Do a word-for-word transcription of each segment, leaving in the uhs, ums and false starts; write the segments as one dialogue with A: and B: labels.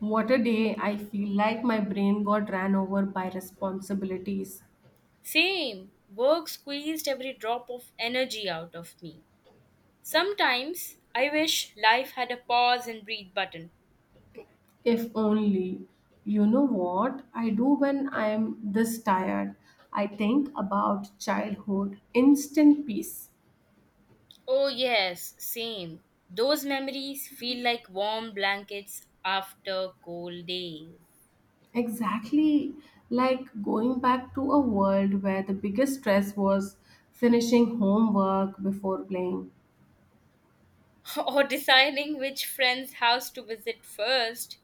A: What a day! I feel like my brain got ran over by responsibilities.
B: Same. Work squeezed every drop of energy out of me. Sometimes I wish life had a pause and breathe button.
A: If only. You know what I do when I'm this tired? I think about childhood, instant peace.
B: Oh, yes, same. Those memories feel like warm blankets after cold days.
A: Exactly like going back to a world where the biggest stress was finishing homework before playing.
B: Or deciding which friend's house to visit first.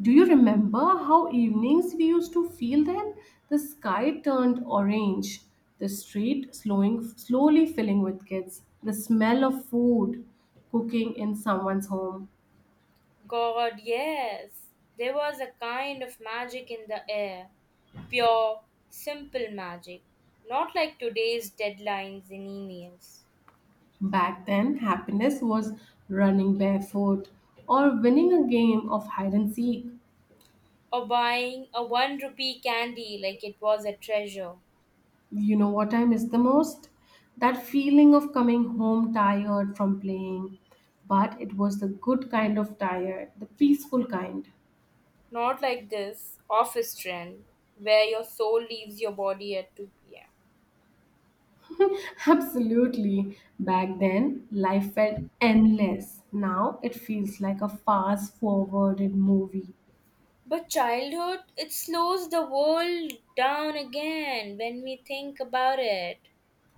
A: Do you remember how evenings we used to feel then? The sky turned orange, the street slowing, slowly filling with kids, the smell of food cooking in someone's home.
B: God, yes. There was a kind of magic in the air. Pure, simple magic. Not like today's deadlines and emails.
A: Back then, happiness was running barefoot or winning a game of hide and seek.
B: Or buying a one rupee candy like it was a treasure.
A: You know what I miss the most? That feeling of coming home tired from playing. But it was the good kind of tired, the peaceful kind.
B: Not like this office trend where your soul leaves your body at two p m.
A: Absolutely. Back then, life felt endless. Now it feels like a fast forwarded movie.
B: But childhood, it slows the world down again when we think about it.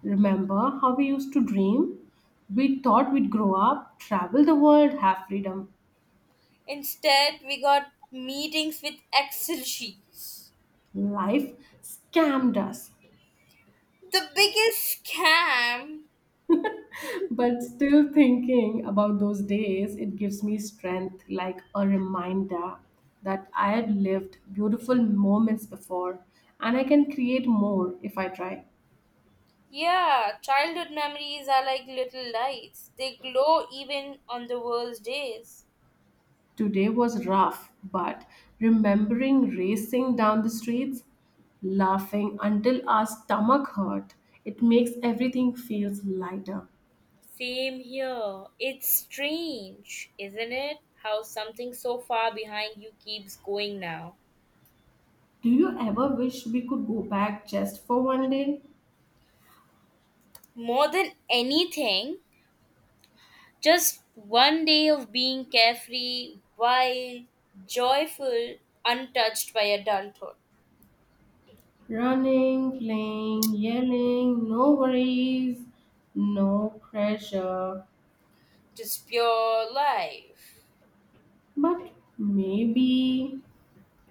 A: Remember how we used to dream? We thought we'd grow up, travel the world, have freedom.
B: Instead, we got meetings with Excel sheets.
A: Life scammed us.
B: The biggest scam.
A: But still thinking about those days, it gives me strength like a reminder that I had lived beautiful moments before and I can create more if I try.
B: Yeah, childhood memories are like little lights. They glow even on the worst days.
A: Today was rough, but remembering racing down the streets, laughing until our stomach hurt, it makes everything feels lighter.
B: Same here. It's strange, isn't it? How something so far behind you keeps going now.
A: Do you ever wish we could go back just for one day?
B: More than anything, just one day of being carefree, wild, joyful, untouched by adulthood.
A: Running, playing, yelling, no worries, no pressure.
B: Just pure life.
A: But maybe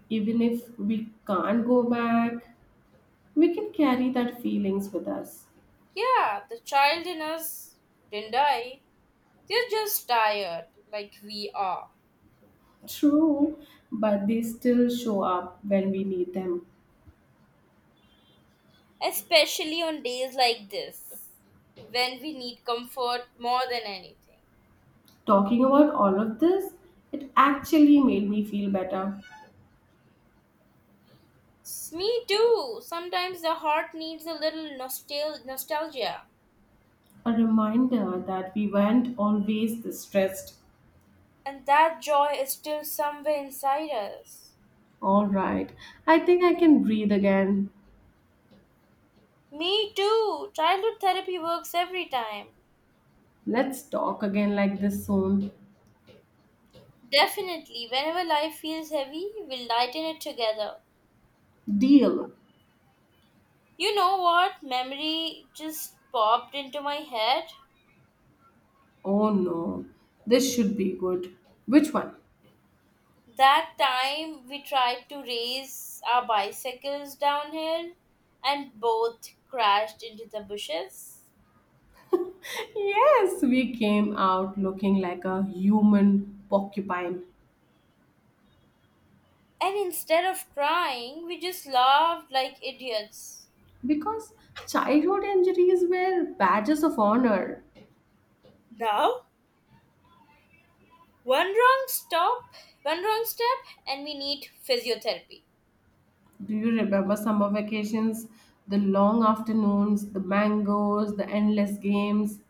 A: even if we can't go back, we can carry that feelings with us.
B: Yeah, the child in us didn't die. They're just tired, like we are.
A: True, but they still show up when we need them.
B: Especially on days like this when we need comfort more than anything.
A: Talking about all of this, it actually made me feel better.
B: Me too. Sometimes the heart needs a little nostal- nostalgia,
A: A reminder that we weren't always this stressed.
B: and that joy is still somewhere inside us.
A: All right, I think I can breathe again.
B: Me too. Childhood therapy works every time.
A: Let's talk again like this soon.
B: Definitely, whenever life feels heavy, we'll lighten it together.
A: Deal.
B: You know what? Memory just popped into my head.
A: Oh no, this should be good. Which one?
B: That time we tried to race our bicycles downhill and both crashed into the bushes.
A: Yes, we came out looking like a human porcupine.
B: And instead of crying, we just laughed like idiots.
A: Because childhood injuries were badges of honor.
B: Now, one wrong stop, one wrong step, and we need physiotherapy.
A: Do you remember summer vacations, the long afternoons, the mangoes, the endless games?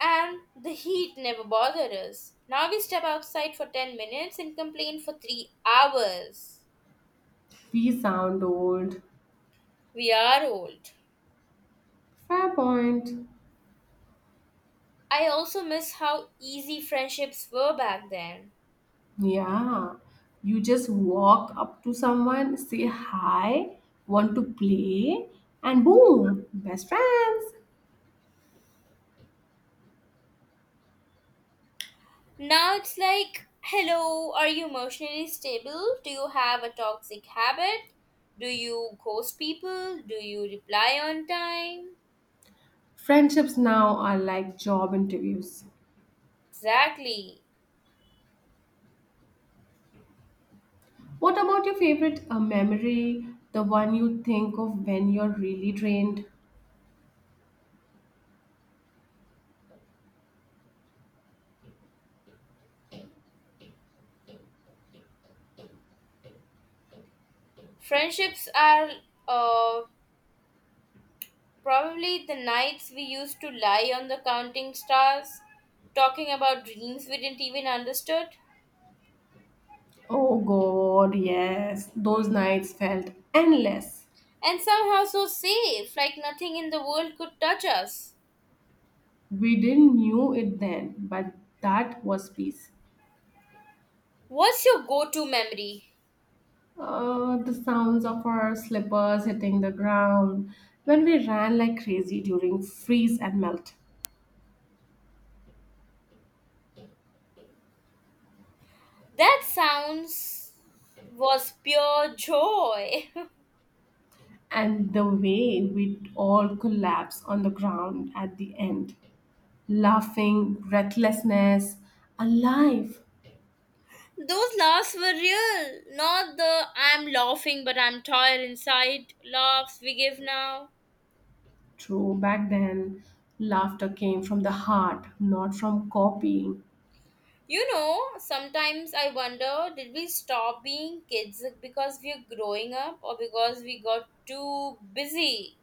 B: And the heat never bothered us. Now we step outside for ten minutes and complain for three hours.
A: We sound old.
B: We are old.
A: Fair point.
B: I also miss how easy friendships were back then.
A: Yeah. You just walk up to someone, say hi, want to play, and boom, best friends.
B: Now it's like, hello, are you emotionally stable? Do you have a toxic habit? Do you ghost people? Do you reply on time?
A: Friendships now are like job interviews.
B: Exactly.
A: What about your favorite uh, memory, the one you think of when you're really drained?
B: Friendships are uh, probably the nights we used to lie on the counting stars, talking about dreams we didn't even understood,
A: Oh God, yes. Those nights felt endless.
B: and somehow so safe, like nothing in the world could touch us.
A: We didn't knew it then, but that was peace.
B: What's your go to memory?
A: Uh, the sounds of our slippers hitting the ground when we ran like crazy during freeze and melt,
B: That sounds was pure joy.
A: and the way we'd all collapse on the ground at the end, laughing, breathlessness, alive.
B: Those laughs were real, not the I'm laughing but I'm tired inside laughs we give now.
A: True, back then, laughter came from the heart, not from copying.
B: You know, sometimes I wonder did we stop being kids because we're growing up or because we got too busy?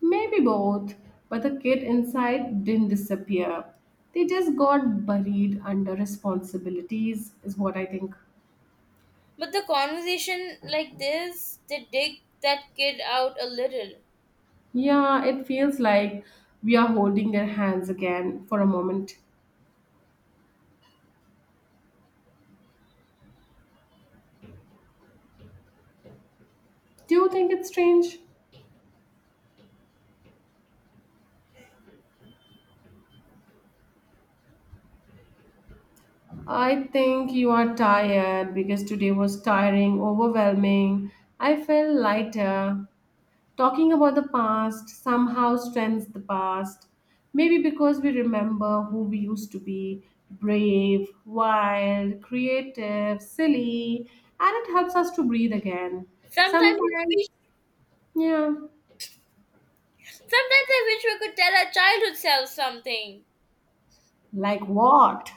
A: Maybe both, but the kid inside didn't disappear. They just got buried under responsibilities, is what I think.
B: But the conversation like this, they dig that kid out a little.
A: Yeah, it feels like we are holding their hands again for a moment. Do you think it's strange? I think you are tired because today was tiring, overwhelming. I feel lighter. Talking about the past somehow strengthens the past. Maybe because we remember who we used to be brave, wild, creative, silly, and it helps us to breathe again.
B: Sometimes I
A: Sometimes,
B: wish,
A: yeah,
B: sometimes I wish we could tell our childhood selves something.
A: like what?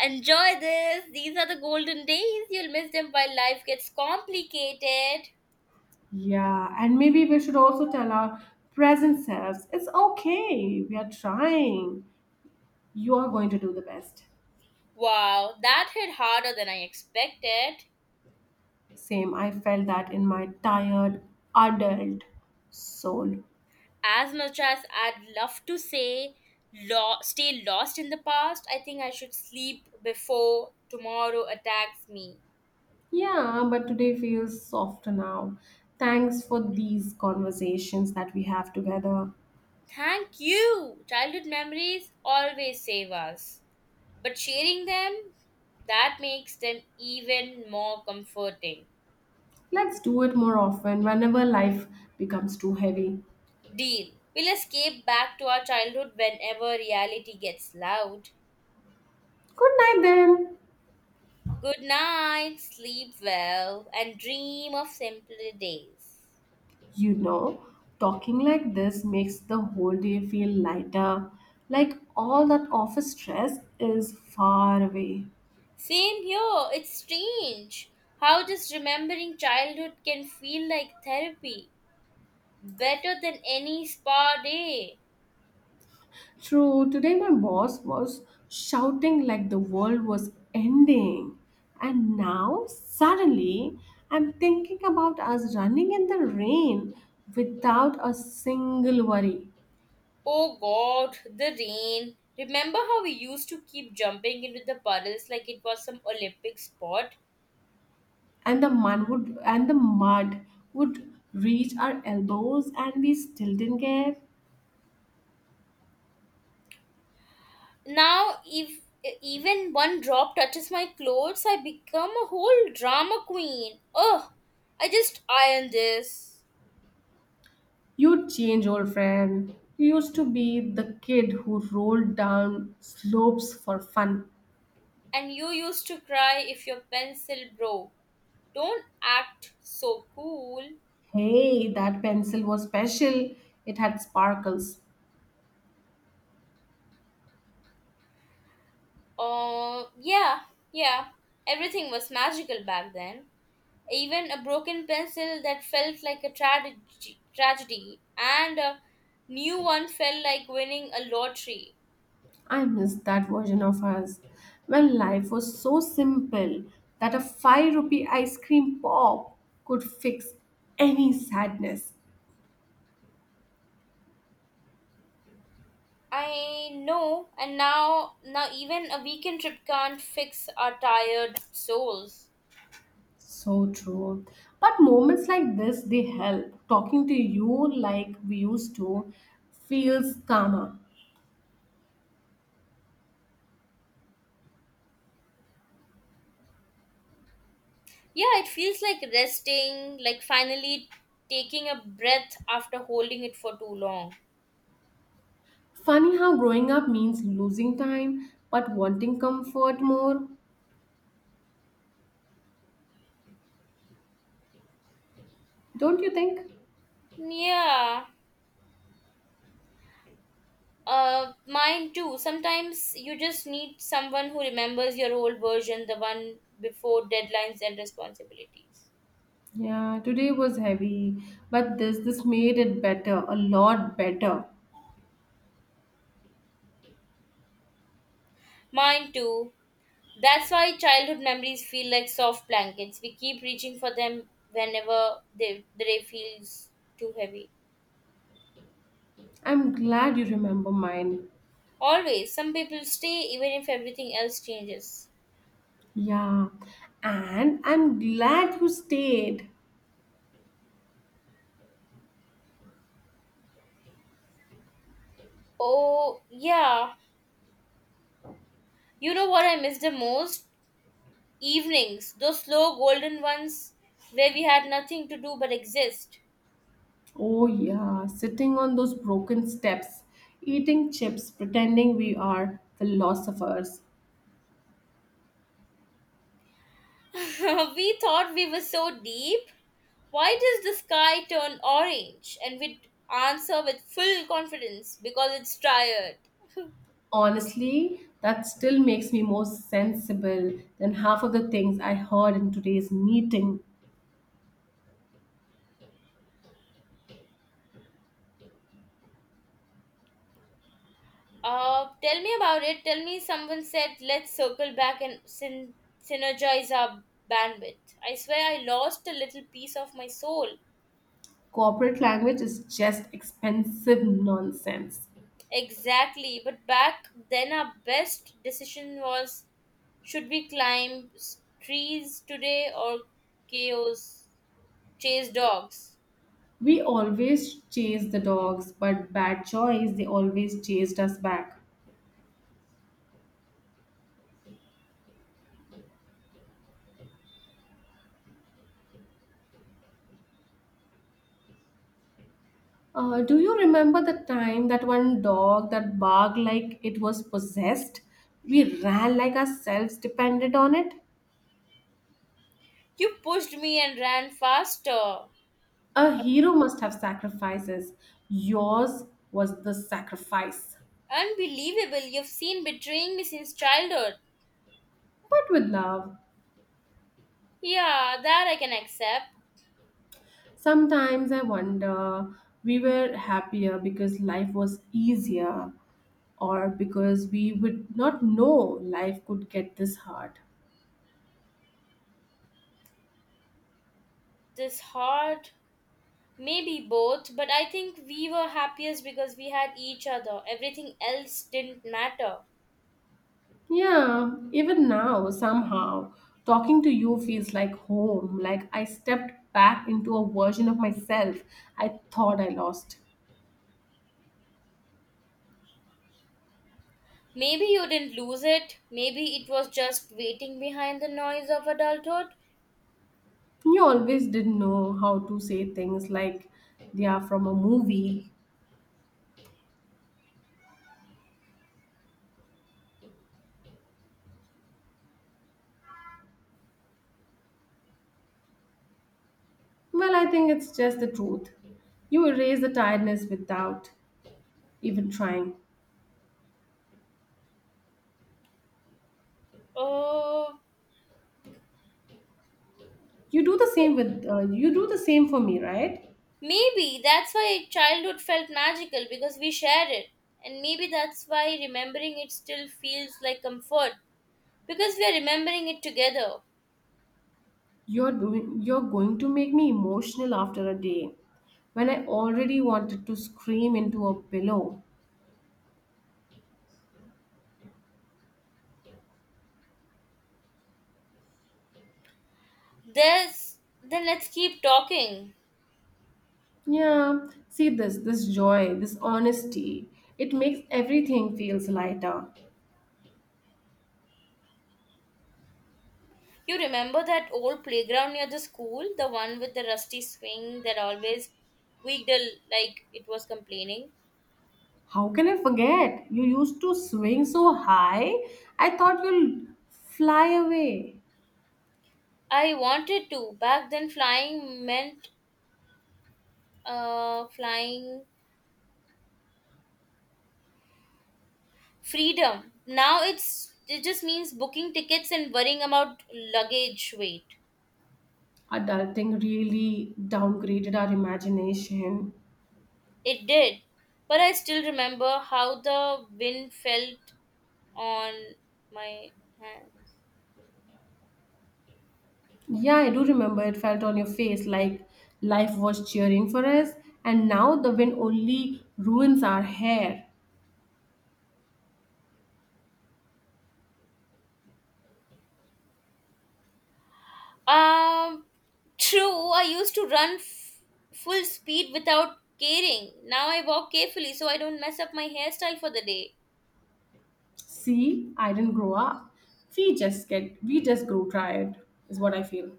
B: Enjoy this. These are the golden days. You'll miss them while life gets complicated.
A: Yeah, and maybe we should also tell our present selves it's okay, we are trying, you are going to do the best.
B: Wow, that hit harder than I expected.
A: Same, I felt that in my tired adult soul.
B: As much as I'd love to say, lo- stay lost in the past, I think I should sleep before tomorrow attacks me.
A: Yeah, but today feels softer now. Thanks for these conversations that we have together.
B: Thank you! Childhood memories always save us. But sharing them, that makes them even more comforting.
A: Let's do it more often whenever life becomes too heavy.
B: Deal. We'll escape back to our childhood whenever reality gets loud.
A: Good night then.
B: Good night, sleep well, and dream of simpler days.
A: You know, talking like this makes the whole day feel lighter, like all that office stress is far away.
B: Same here, it's strange how just remembering childhood can feel like therapy. Better than any spa day.
A: True, today my boss was shouting like the world was ending. And now, suddenly, I'm thinking about us running in the rain without a single worry.
B: Oh god, the rain. Remember how we used to keep jumping into the puddles like it was some Olympic sport?
A: And the mud would and the mud would reach our elbows and we still didn't care.
B: Now, if even one drop touches my clothes, I become a whole drama queen. Ugh, I just iron this.
A: You change, old friend. You used to be the kid who rolled down slopes for fun.
B: And you used to cry if your pencil broke. Don't act so cool.
A: Hey, that pencil was special. It had sparkles.
B: Uh, yeah, yeah. Everything was magical back then. Even a broken pencil that felt like a tragedy, tragedy, and a new one felt like winning a lottery.
A: I miss that version of us when life was so simple that a five rupee ice cream pop could fix any sadness.
B: I know, and now now even a weekend trip can't fix our tired souls.
A: So true. But moments like this, they help. Talking to you like we used to feels calmer.
B: Yeah, it feels like resting, like finally taking a breath after holding it for too long.
A: Funny how growing up means losing time but wanting comfort more, don't you think?
B: Yeah. Uh mine too. Sometimes you just need someone who remembers your old version, the one before deadlines and responsibilities.
A: Yeah, today was heavy, but this this made it better, a lot better.
B: Mine too. That's why childhood memories feel like soft blankets. We keep reaching for them whenever they, the day feels too heavy.
A: I'm glad you remember mine.
B: Always, some people stay even if everything else changes.
A: Yeah. And I'm glad you stayed.
B: Oh, yeah. You know what I miss the most? Evenings. Those slow golden ones where we had nothing to do but exist.
A: Oh yeah, sitting on those broken steps, eating chips, pretending we are philosophers.
B: We thought we were so deep. Why does the sky turn orange? And we'd answer with full confidence because it's tired.
A: Honestly, that still makes me more sensible than half of the things I heard in today's meeting.
B: Uh, tell me about it. Tell me someone said, let's circle back and syn- synergize our bandwidth. I swear I lost a little piece of my soul.
A: Corporate language is just expensive nonsense.
B: Exactly. But back then, our best decision was should we climb s- trees today or chaos, chase dogs?
A: We always chased the dogs, but bad choice, they always chased us back. Uh, do you remember the time that one dog that barked like it was possessed? We ran like ourselves depended on it.
B: You pushed me and ran faster.
A: A hero must have sacrifices. Yours was the sacrifice,
B: Unbelievable. You've seen betraying me since childhood.
A: but with love.
B: Yeah, that I can accept.
A: Sometimes I wonder we were happier because life was easier or because we would not know life could get this hard.
B: This hard. Maybe both, but I think we were happiest because we had each other. Everything else didn't matter.
A: Yeah, even now, somehow, talking to you feels like home, like I stepped back into a version of myself I thought I lost.
B: Maybe you didn't lose it. Maybe it was just waiting behind the noise of adulthood.
A: You always didn't know how to say things like they are from a movie. Well, I think it's just the truth. You erase the tiredness without even trying.
B: Oh,
A: You do the same with uh, you do the same for me, right?
B: maybe that's why childhood felt magical because we shared it. And maybe that's why remembering it still feels like comfort because we are remembering it together.
A: You're doing you're going to make me emotional after a day when I already wanted to scream into a pillow.
B: There's then let's keep talking.
A: Yeah, see this, this joy, this honesty. It makes everything feels lighter.
B: You remember that old playground near the school? The one with the rusty swing that always squeaked a- l- like it was complaining?
A: How can I forget? You used to swing so high, I thought you'll fly away.
B: I wanted to. Back then, flying meant uh, flying freedom. Now it's it just means booking tickets and worrying about luggage weight.
A: Adulting really downgraded our imagination.
B: It did. But I still remember how the wind felt on my hand.
A: Yeah, I do remember it felt on your face like life was cheering for us, and now the wind only ruins our hair.
B: Um, True. I used to run f- full speed without caring. Now I walk carefully so I don't mess up my hairstyle for the day.
A: See, I didn't grow up. We just get, we just grew tired, is what I feel.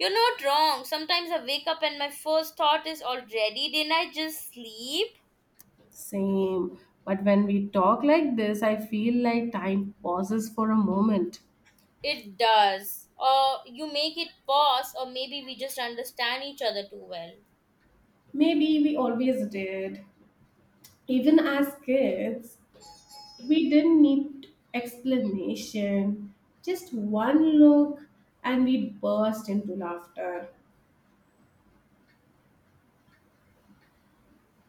B: You're not wrong. Sometimes I wake up and my first thought is already, didn't I just sleep?
A: Same. But when we talk like this, I feel like time pauses for a moment.
B: It does. Or you make it pause, or maybe we just understand each other too well.
A: Maybe we always did. Even as kids, we didn't need explanation, just one look, and we burst into laughter.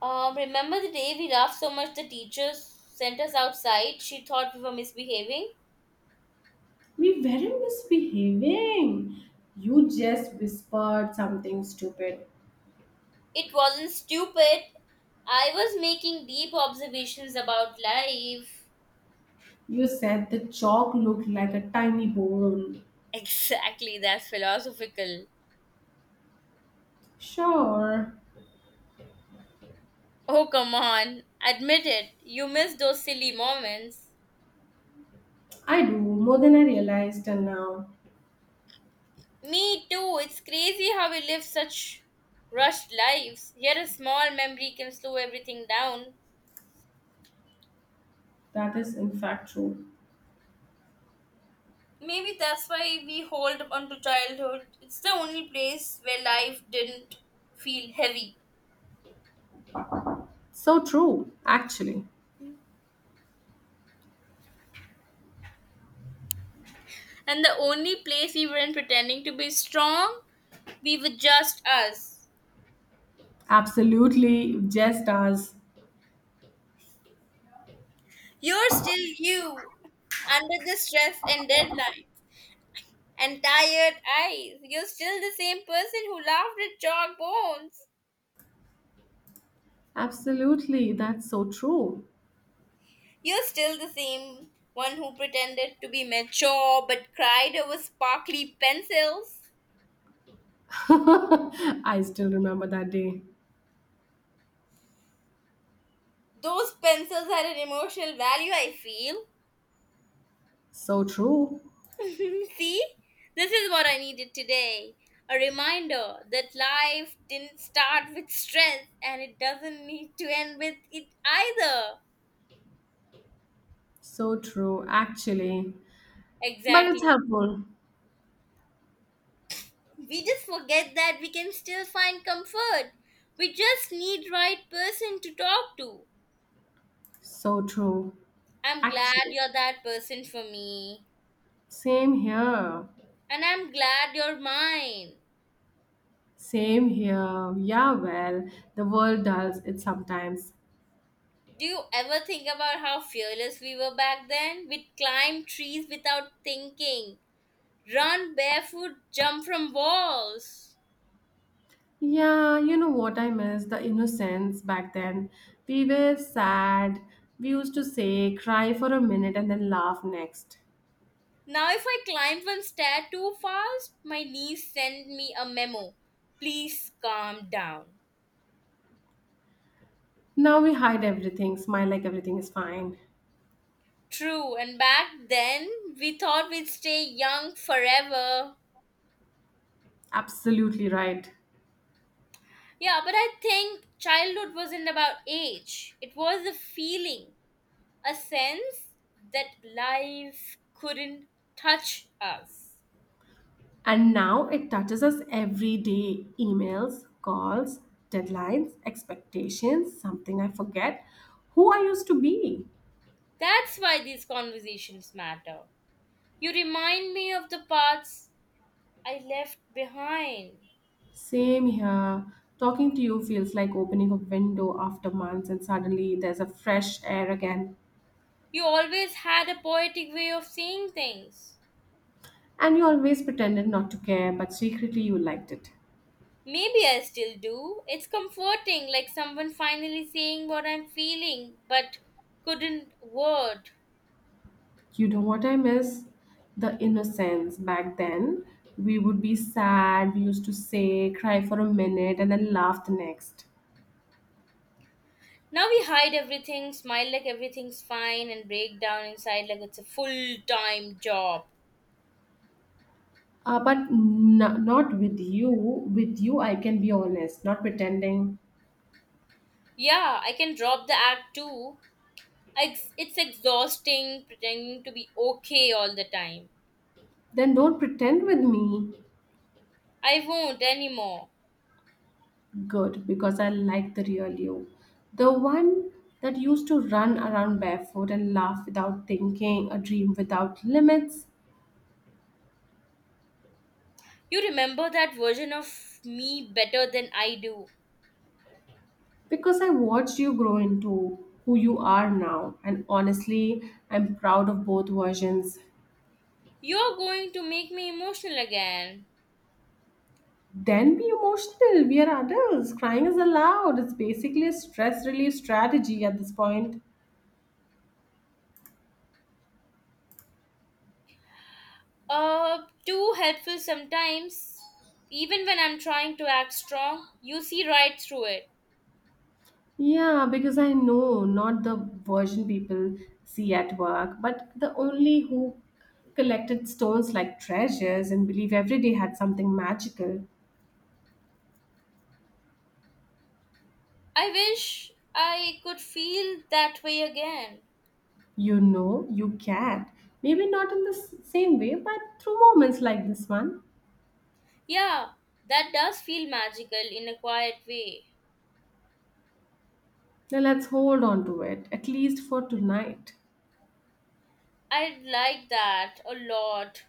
B: Um, remember the day we laughed so much the teacher sent us outside? She thought we were misbehaving.
A: We weren't misbehaving. You just whispered something stupid.
B: It wasn't stupid. I was making deep observations about life.
A: You said the chalk looked like a tiny bone.
B: Exactly, that's philosophical.
A: Sure,
B: Oh, come on. Admit it. You miss those silly moments.
A: I do, more than I realized and now.
B: Me too. It's crazy how we live such rushed lives. Yet a small memory can slow everything down.
A: That is, in fact, true.
B: Maybe that's why we hold on to childhood. It's the only place where life didn't feel heavy.
A: So true, actually.
B: And the only place we weren't pretending to be strong, we were just us.
A: Absolutely, just us.
B: You're still you, under the stress and deadline, and tired eyes. You're still the same person who laughed at chalk bones.
A: Absolutely, that's so true.
B: You're still the same one who pretended to be mature but cried over sparkly pencils.
A: I still remember that day.
B: Those pencils had an emotional value, I feel.
A: So true.
B: See, this is what I needed today, a reminder that life didn't start with stress and it doesn't need to end with it either.
A: So true, actually. But it's
B: Exactly.
A: helpful.
B: We just forget that we can still find comfort. We just need right person to talk to.
A: So true.
B: I'm glad
A: Actually.
B: you're that person for me.
A: Same here.
B: And I'm glad you're mine.
A: Same here. Yeah, well, the world does it sometimes.
B: Do you ever think about how fearless we were back then? We'd climb trees without thinking. Run barefoot, jump from walls.
A: Yeah, you know what I miss? The innocence back then. We were sad. We used to say, cry for a minute and then laugh next.
B: Now, if I climb one stair too fast, my knees send me a memo. Please calm down.
A: Now we hide everything, smile like everything is fine.
B: True, and back then we thought we'd stay young forever.
A: Absolutely right.
B: Yeah, but I think childhood wasn't about age, it was a feeling, a sense that life couldn't touch us.
A: And now it touches us every day emails, calls, deadlines, expectations, something I forget. Who I used to be.
B: That's why these conversations matter. You remind me of the parts I left behind.
A: Same here. Talking to you feels like opening a window after months, and suddenly there's a fresh air again.
B: You always had a poetic way of seeing things.
A: And you always pretended not to care, but secretly you liked it.
B: Maybe I still do. It's comforting, like someone finally saying what I'm feeling but couldn't word.
A: You know what I miss? The innocence back then. We would be sad, we used to say, cry for a minute, and then laugh the next.
B: Now we hide everything, smile like everything's fine, and break down inside like it's a full time job.
A: Uh, but n- not with you. With you, I can be honest, not pretending.
B: Yeah, I can drop the act too. Ex- It's exhausting pretending to be okay all the time.
A: Then don't pretend with me.
B: I won't anymore.
A: Good, because I like the real you. The one that used to run around barefoot and laugh without thinking, a dream without limits.
B: You remember that version of me better than I do.
A: Because I watched you grow into who you are now. And honestly, I'm proud of both versions.
B: You're going to make me emotional again.
A: Then be emotional. We are adults. Crying is allowed. It's basically a stress relief strategy at this point.
B: Uh, Too helpful sometimes. Even when I'm trying to act strong, you see right through it.
A: Yeah, because I know not the version people see at work, but the only who collected stones like treasures and believe every day had something magical.
B: I wish I could feel that way again.
A: You know, you can. Maybe not in the s- same way, but through moments like this one.
B: Yeah, that does feel magical in a quiet way.
A: Now let's hold on to it, at least for tonight.
B: I like that a lot.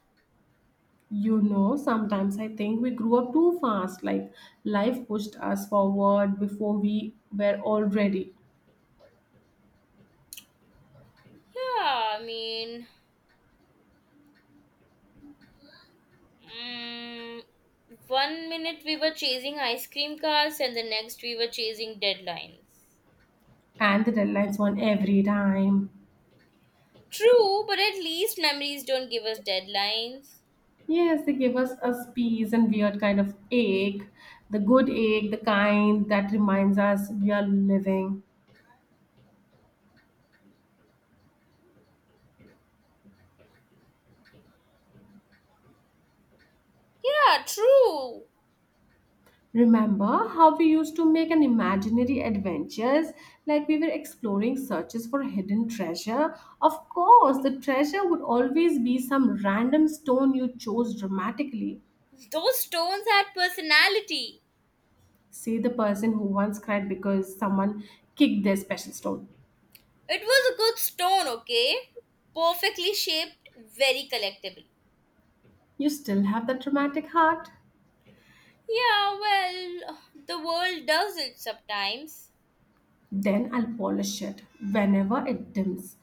A: You know, sometimes I think we grew up too fast, like life pushed us forward before we were all ready.
B: Yeah, I mean, Mm, one minute we were chasing ice cream cars, and the next we were chasing deadlines.
A: And the deadlines won every time.
B: True, but at least memories don't give us deadlines.
A: Yes, they give us a peas and weird kind of ache, the good ache, the kind that reminds us we are living.
B: Yeah, true.
A: Remember how we used to make an imaginary adventures like we were exploring searches for hidden treasure? Of course, the treasure would always be some random stone you chose dramatically.
B: Those stones had personality.
A: Say the person who once cried because someone kicked their special stone.
B: It was a good stone, okay? Perfectly shaped, very collectible.
A: You still have that dramatic heart?
B: Yeah, well, the world does it sometimes.
A: Then I'll polish it whenever it dims.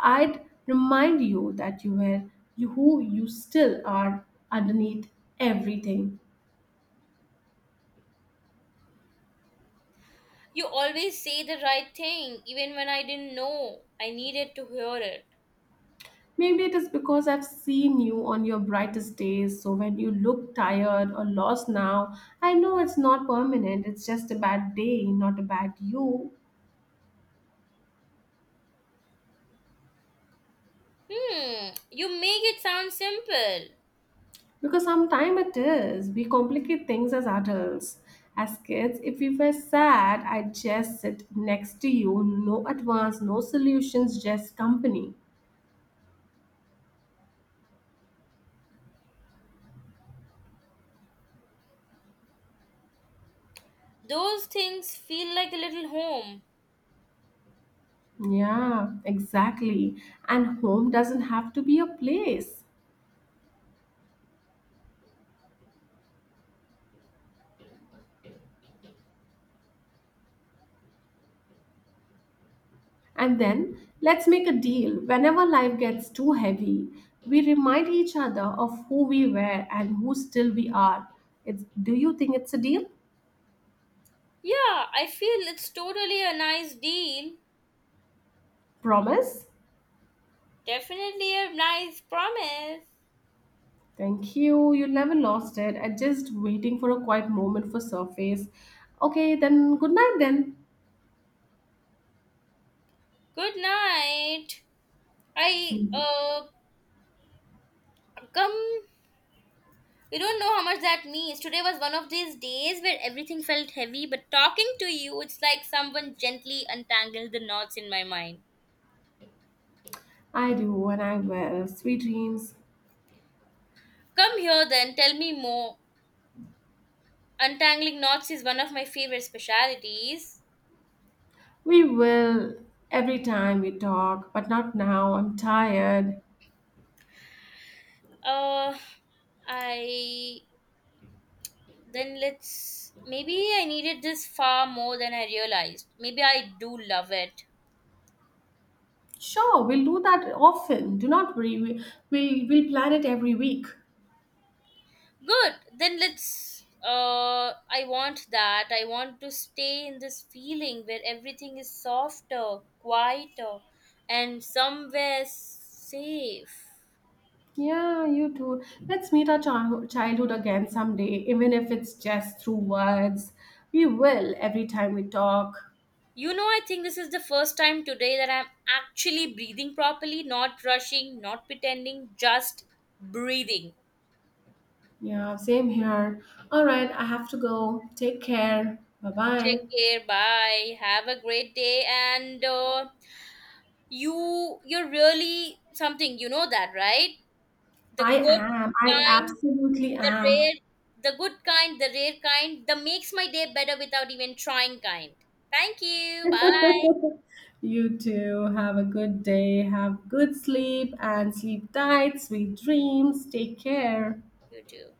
A: I'd remind you that you were you who you still are underneath everything.
B: You always say the right thing, even when I didn't know. I needed to hear it.
A: Maybe it is because I've seen you on your brightest days, so when you look tired or lost now, I know it's not permanent, it's just a bad day, not a bad you.
B: Hmm, you make it sound simple.
A: Because sometimes it is. We complicate things as adults. As kids, if we were sad, I'd just sit next to you. No advance, no solutions, just company.
B: Those things feel like a little home.
A: Yeah, exactly. And home doesn't have to be a place. And then let's make a deal. Whenever life gets too heavy, we remind each other of who we were and who still we are. It's, do you think it's a deal?
B: Yeah, I feel it's totally a nice deal.
A: Promise?
B: Definitely a nice promise.
A: Thank you. You never lost it. I just waiting for a quiet moment for surface. Okay, then good night then.
B: Good night. I,
A: See,
B: uh, Come. You don't know how much that means. Today was one of these days where everything felt heavy, but talking to you, it's like someone gently untangled the knots in my mind.
A: I do and I will. Sweet dreams.
B: Come here then, tell me more. Untangling knots is one of my favorite specialities.
A: We will every time we talk, but not now. I'm tired.
B: Uh, I then let's maybe I needed this far more than I realized. Maybe I do love it.
A: Sure, we'll do that often. Do not worry. We, we, we'll plan it every week.
B: Good. Then let's uh I want that. I want to stay in this feeling where everything is softer, quieter, and somewhere safe.
A: Yeah, you too. Let's meet our childhood childhood again someday, even if it's just through words. We will every time we talk.
B: You know, I think this is the first time today that I'm actually breathing properly, not rushing, not pretending, just breathing.
A: Yeah, same here. All right, I have to go. Take care. Bye bye.
B: Take care. Bye. Have a great day. And uh, you, you're really something. You know that, right? The
A: I
B: good
A: am. I
B: kind,
A: absolutely
B: the
A: am.
B: rare, the good kind, the rare kind, the makes my day better without even trying kind. Thank you. Bye.
A: You too. Have a good day. Have good sleep and sleep tight. Sweet dreams. Take care.
B: You too.